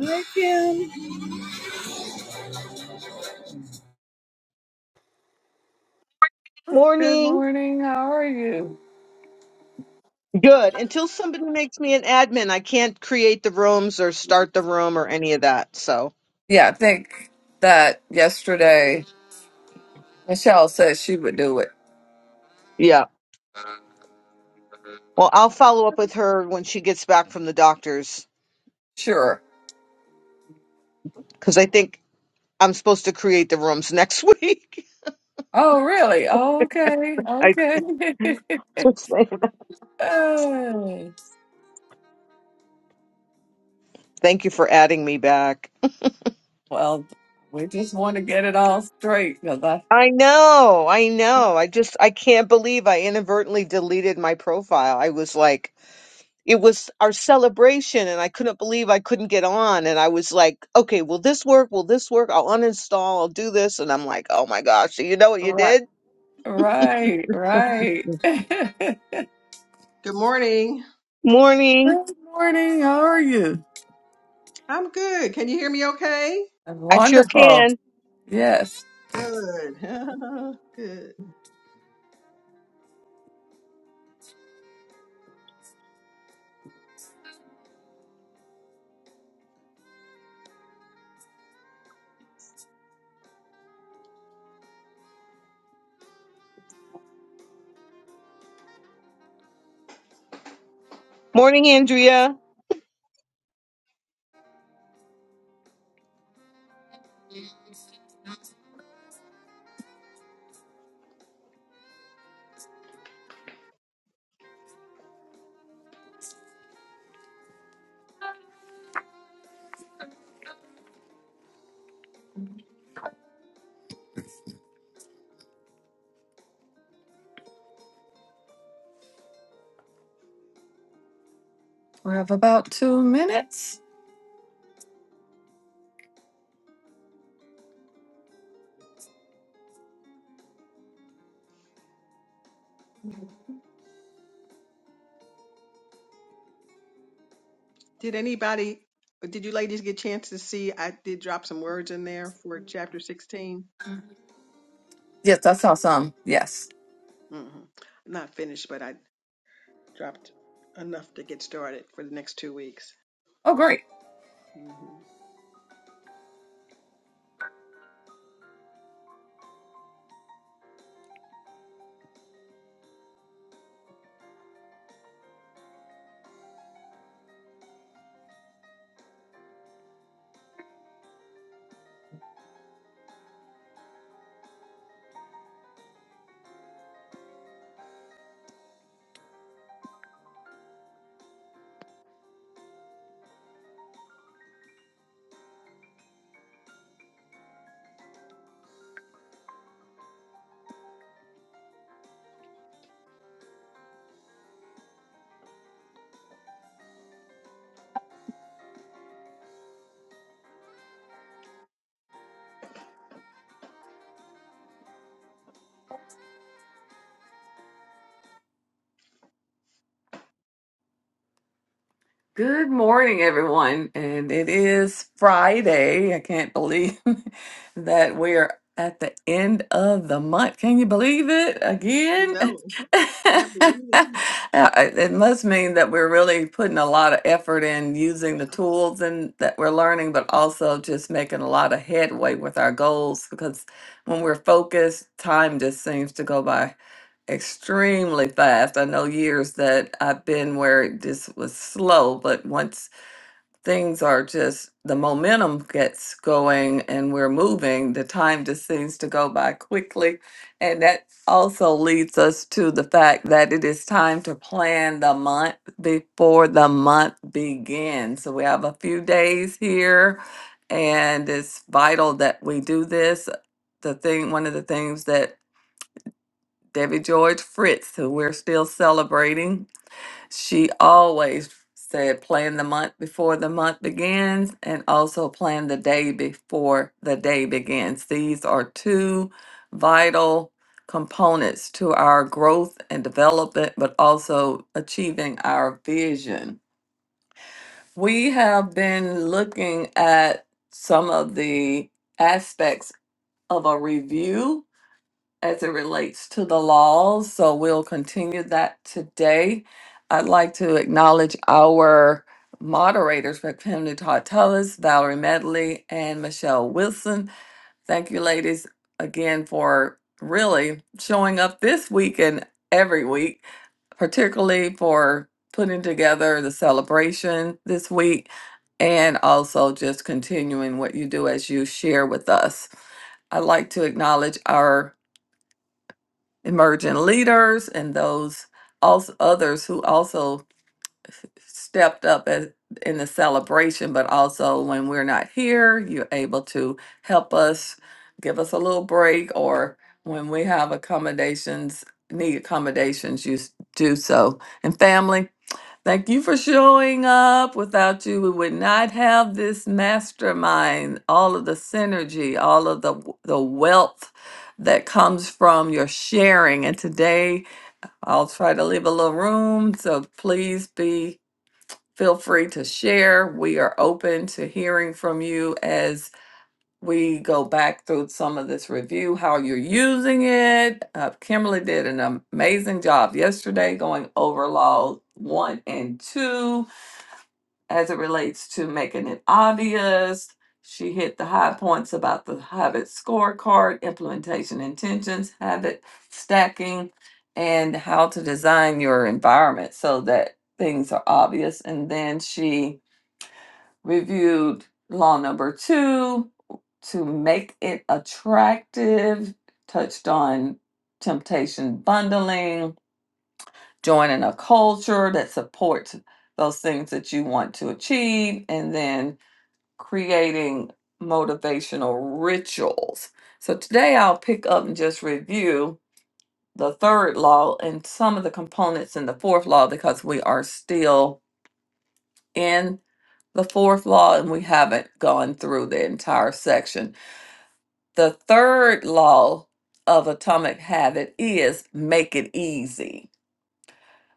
Hi, Kim. Good Morning. morning. How are you? Good. Until somebody makes me an admin, I can't create the rooms or start the room or any of that. So, Yeah, I think that yesterday Michelle said she would do it. yeah. Well, I'll follow up with her when she gets back from the doctor's Sure. because I think I'm supposed to create the rooms next week. Oh, really? Okay. I Okay. Oh, thank you for adding me back. well, we just want to get it all straight because I. I know. I know. I just, I can't believe I inadvertently deleted my profile. I was like, it was our celebration and I couldn't believe I couldn't get on and I was like, okay, will this work? Will this work? I'll uninstall, I'll do this and I'm like, oh my gosh, so you know what you Right. did? Right. Right. Good Good morning. Morning. morning. How are you? I'm good. Can you hear me okay? I'm I sure wonderful. can. Yes. Good. good. Morning, Andrea. We have about two minutes. Did anybody, did you ladies get a chance to see? I did drop some words in there for chapter 16. Yes, I saw some. Yes. hmm I'm not finished, but I dropped enough to get started for the next two weeks. Oh, great. hmm Good morning, everyone. And it is Friday. I can't believe that we're at the end of the month. Can you believe it again? No, can't believe it. Uh, it must mean that we're really putting a lot of effort in using the tools and that we're learning, but also just making a lot of headway with our goals because when we're focused, time just seems to go by extremely fast. I know years that I've been where it just was slow, but once things are just the momentum gets going and we're moving, the time just seems to go by quickly. And that also leads us to the fact that it is time to plan the month before the month begins. So we have a few days here and it's vital that we do this. The thing one of the things that Debbie George Fritz, who we're still celebrating, she always said plan the month before the month begins and also plan the day before the day begins. These are two vital components to our growth and development, but also achieving our vision. We have been looking at some of the aspects of a review as it relates to the laws. So we'll continue that today. I'd like to acknowledge our moderators, Pamela Todd Tullis, Valerie Medley, and Michelle Wilson. Thank you, ladies, again for really showing up this week and every week, particularly for putting together the celebration this week and also just continuing what you do as you share with us. I'd like to acknowledge our emerging leaders and those also others who also stepped up as, in the celebration but also when we're not here you're able to help us give us a little break or when we have accommodations need accommodations you s- do so and family Thank you for showing up. Without you, we would not have this mastermind, all of the synergy, all of the the wealth that comes from your sharing. And today, I'll try to leave a little room, so please be feel free to share. We are open to hearing from you as we go back through some of this review, how you're using it. Uh, Kimberly did an amazing job yesterday going over law one and two as it relates to making it obvious. She hit the high points about the habit scorecard, implementation intentions, habit stacking, and how to design your environment so that things are obvious. And then she reviewed law number two to make it attractive, touched on temptation bundling, joining a culture that supports those things that you want to achieve, and then creating motivational rituals. So today I'll pick up and just review the third law and some of the components in the fourth law because we are still in the fourth law and we haven't gone through the entire section. The third law of atomic habit is make it easy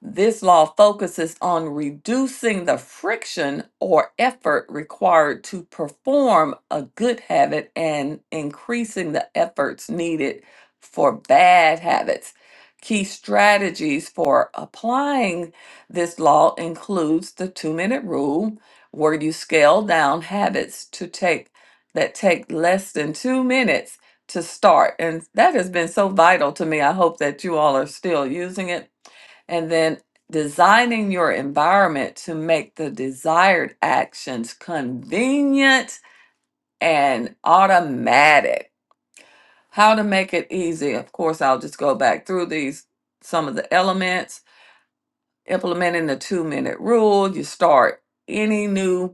This law focuses on reducing the friction or effort required to perform a good habit and increasing the efforts needed for bad habits. Key strategies for applying this law includes the 2-minute rule where you scale down habits to take that take less than 2 minutes to start and that has been so vital to me. I hope that you all are still using it and then designing your environment to make the desired actions convenient and automatic. How to make it easy. Of course, I'll just go back through these, some of the elements. Implementing the two minute rule, you start any new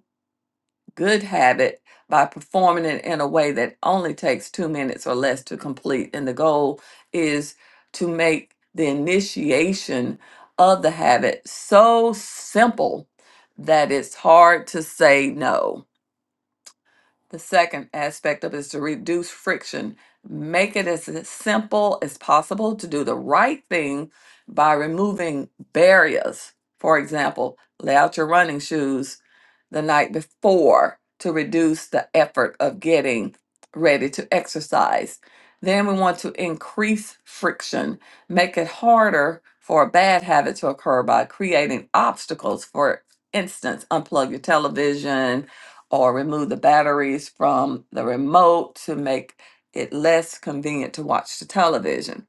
good habit by performing it in a way that only takes two minutes or less to complete. And the goal is to make the initiation of the habit so simple that it's hard to say no the second aspect of it is to reduce friction. Make it as simple as possible to do the right thing by removing barriers. For example, lay out your running shoes the night before to reduce the effort of getting ready to exercise. Then we want to increase friction, make it harder for a bad habit to occur by creating obstacles. For instance, unplug your television, or remove the batteries from the remote to make it less convenient to watch the television.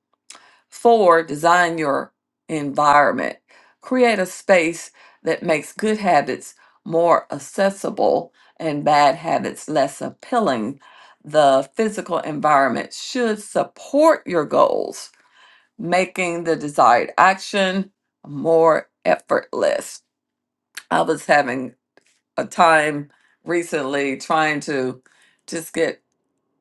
Four, design your environment. Create a space that makes good habits more accessible and bad habits less appealing. The physical environment should support your goals, making the desired action more effortless. I was having a time recently trying to just get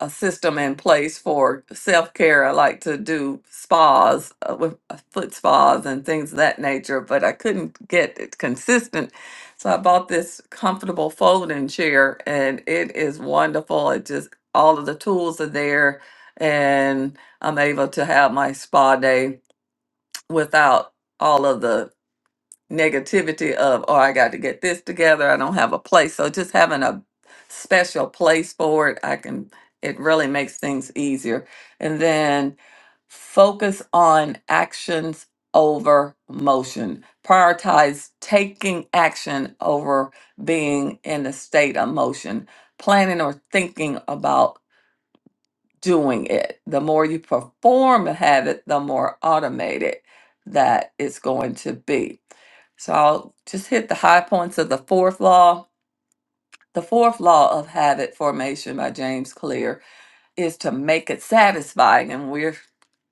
a system in place for self care. I like to do spas uh, with uh, foot spas and things of that nature, but I couldn't get it consistent. So I bought this comfortable folding chair and it is wonderful. It just, all of the tools are there and I'm able to have my spa day without all of the negativity of, oh, I got to get this together. I don't have a place. So just having a special place for it, I can, it really makes things easier. And then focus on actions over motion. Prioritize taking action over being in a state of motion, planning or thinking about doing it. The more you perform a habit, the more automated that it's going to be. So I'll just hit the high points of the fourth law. The fourth law of habit formation by James Clear is to make it satisfying, and we're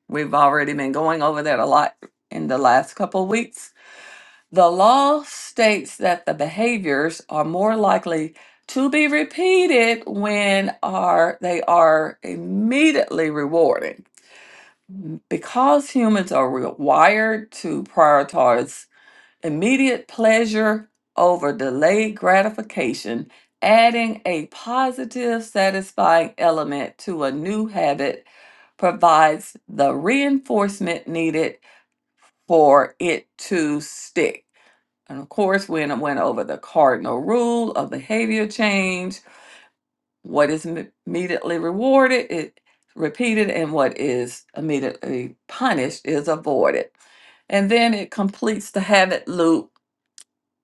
we've already been going over that a lot in the last couple of weeks. The law states that the behaviors are more likely to be repeated when are they are immediately rewarding. because humans are re- wired to prioritize immediate pleasure over delayed gratification, adding a positive, satisfying element to a new habit provides the reinforcement needed for it to stick. And of course, we went over the cardinal rule of behavior change what is im- immediately rewarded is repeated, and what is immediately punished is avoided. And then it completes the habit loop,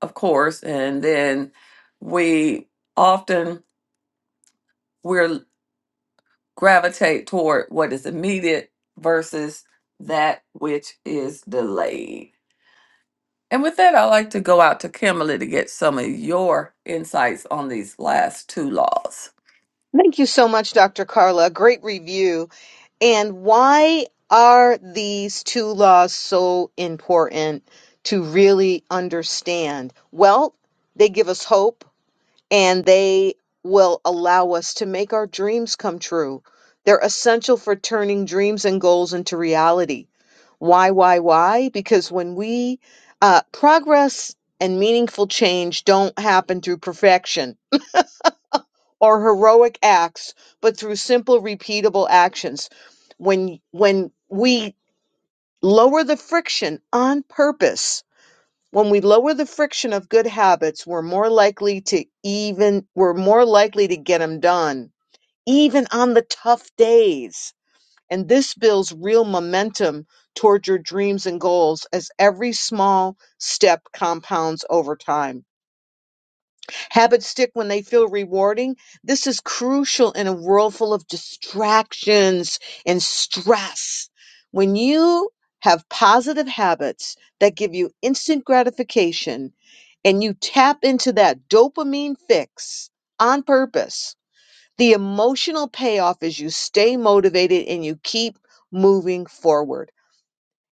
of course. And then we often we'll gravitate toward what is immediate versus that which is delayed. And with that, I'd like to go out to Kimberly to get some of your insights on these last two laws. Thank you so much, Dr. Carla. Great review. And why are these two laws so important to really understand? Well, they give us hope and they will allow us to make our dreams come true. They're essential for turning dreams and goals into reality. Why, why, why? Because when we uh, progress and meaningful change don't happen through perfection or heroic acts, but through simple, repeatable actions. When when we lower the friction on purpose when we lower the friction of good habits, we're more likely to even we're more likely to get them done, even on the tough days. And this builds real momentum toward your dreams and goals as every small step compounds over time. Habits stick when they feel rewarding. This is crucial in a world full of distractions and stress. When you have positive habits that give you instant gratification, and you tap into that dopamine fix on purpose, the emotional payoff is you stay motivated and you keep moving forward.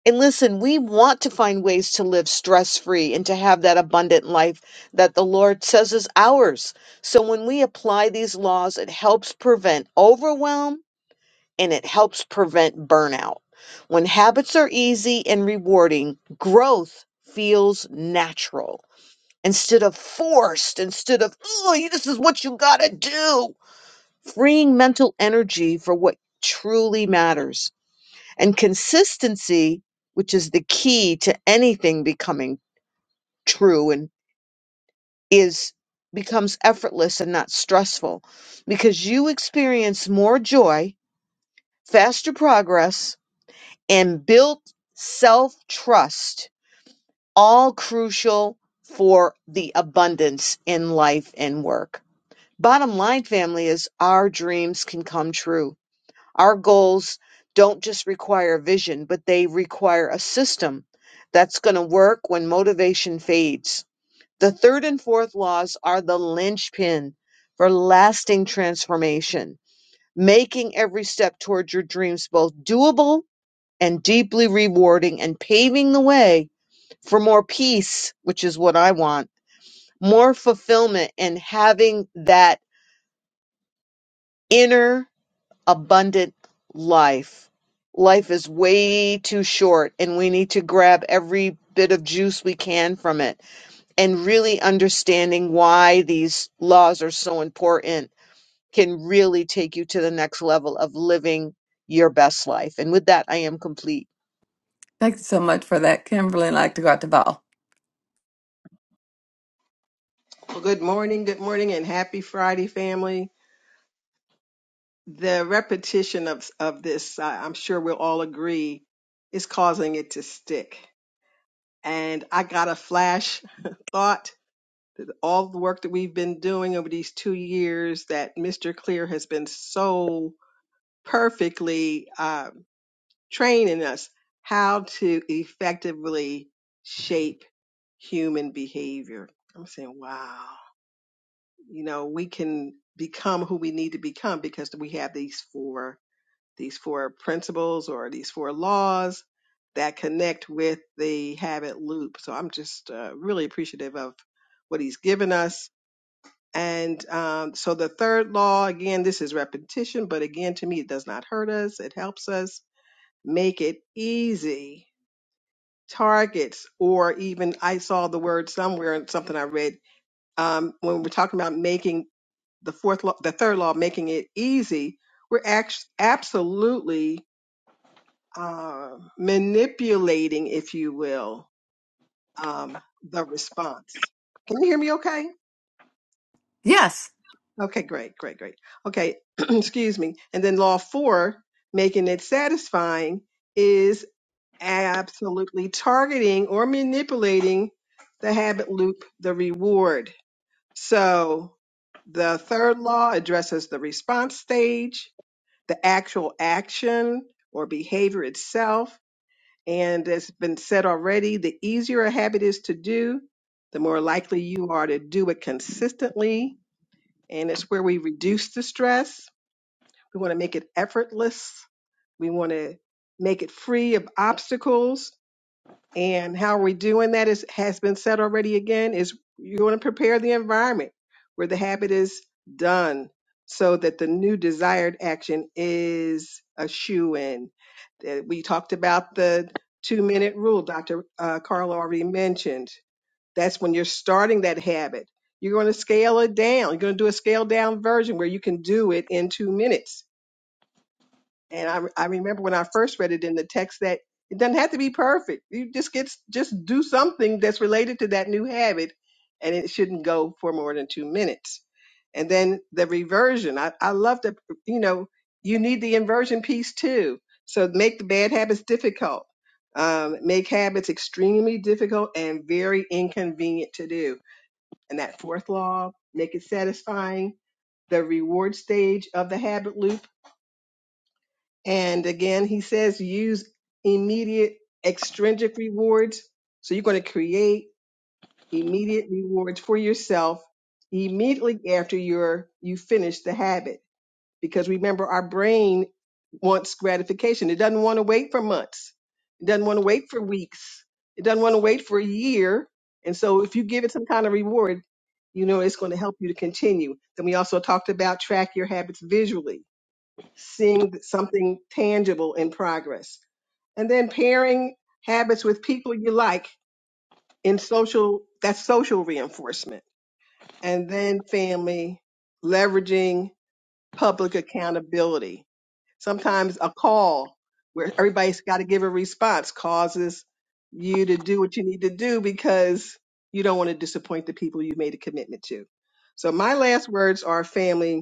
And listen, we want to find ways to live stress free and to have that abundant life that the Lord says is ours. So when we apply these laws, it helps prevent overwhelm and it helps prevent burnout. When habits are easy and rewarding, growth feels natural instead of forced, instead of, oh, this is what you gotta do. Freeing mental energy for what truly matters. And consistency, which is the key to anything becoming true and is becomes effortless and not stressful because you experience more joy, faster progress, and built self trust, all crucial for the abundance in life and work. Bottom line, family, is our dreams can come true. Our goals don't just require vision, but they require a system that's going to work when motivation fades. The third and fourth laws are the linchpin for lasting transformation, making every step towards your dreams both doable and deeply rewarding and paving the way for more peace, which is what I want, more fulfillment, and having that inner abundant life. Life is way too short, and we need to grab every bit of juice we can from it. And really understanding why these laws are so important can really take you to the next level of living your best life. And with that, I am complete. Thank you so much for that, Kimberly. I'd like to go out to Val. Well, good morning. Good morning and happy Friday, family. The repetition of, of this, I, I'm sure we'll all agree, is causing it to stick and I got a flash thought. All the work that we've been doing over these two years that Mr. Clear has been so perfectly um, training us how to effectively shape human behavior. I'm saying, wow, you know, we can become who we need to become because we have these four these four principles or these four laws that connect with the habit loop. So I'm just uh, really appreciative of what he's given us. And um, so the third law, again, this is repetition, but again, to me, it does not hurt us. It helps us make it easy targets, or even I saw the word somewhere in something I read um, when we're talking about making the fourth law, the third law, making it easy. We're act- absolutely uh, manipulating, if you will, um, the response. Can you hear me okay? Yes. Okay, great, great, great. Okay, excuse me. And then law four, making it satisfying, is absolutely targeting or manipulating the habit loop, the reward. So the third law addresses the response stage, the actual action or behavior itself And it's been said already the easier a habit is to do, the more likely you are to do it consistently. And it's where we reduce the stress. We want to make it effortless. We want to make it free of obstacles. And how we're doing that is has been said already again is you're going to prepare the environment where the habit is done so that the new desired action is a shoe in. We talked about the two minute rule Dr. Uh, Carl already mentioned. That's when you're starting that habit. You're going to scale it down. You're going to do a scale down version where you can do it in two minutes and I, I remember when I first read it in the text that it doesn't have to be perfect. You just get just do something that's related to that new habit, and it shouldn't go for more than two minutes. And then the reversion. I, I love the you know you need the inversion piece too. So make the bad habits difficult. Um, make habits extremely difficult and very inconvenient to do. And that fourth law, make it satisfying. The reward stage of the habit loop and again, he says use immediate extrinsic rewards. So you're going to create immediate rewards for yourself immediately after you're, you finish the habit. Because remember, our brain wants gratification. It doesn't want to wait for months. It doesn't want to wait for weeks. It doesn't want to wait for a year. And so if you give it some kind of reward, you know it's going to help you to continue. Then we also talked about track your habits visually seeing something tangible in progress. And then pairing habits with people you like in social, that's social reinforcement. And then family, leveraging public accountability. Sometimes a call where everybody's got to give a response causes you to do what you need to do because you don't want to disappoint the people you made a commitment to. So my last words are family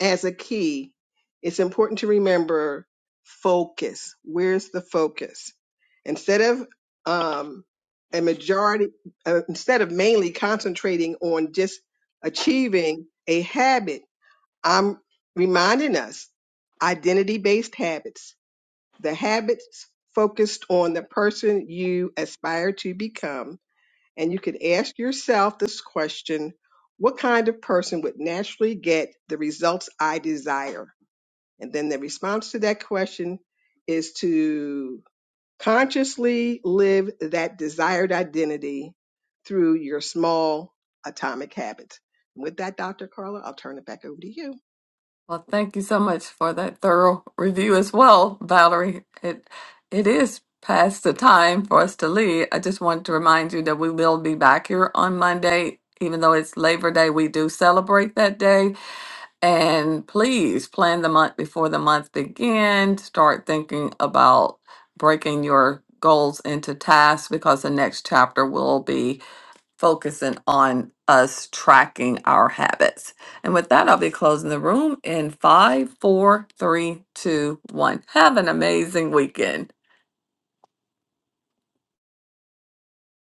as a key, it's important to remember focus. Where's the focus? Instead of um, a majority, uh, instead of mainly concentrating on just achieving a habit, I'm reminding us identity based habits, the habits focused on the person you aspire to become and you can ask yourself this question What kind of person would naturally get the results I desire? And then the response to that question is to consciously live that desired identity through your small atomic habits. With that, Dr. Carla, I'll turn it back over to you. Well, thank you so much for that thorough review as well, Valerie. It it is past the time for us to leave. I just wanted to remind you that we will be back here on Monday. Even though it's Labor Day, we do celebrate that day. And please plan the month before the month begins. Start thinking about breaking your goals into tasks because the next chapter will be focusing on us tracking our habits. And with that, I'll be closing the room in five, four, three, two, one. Have an amazing weekend.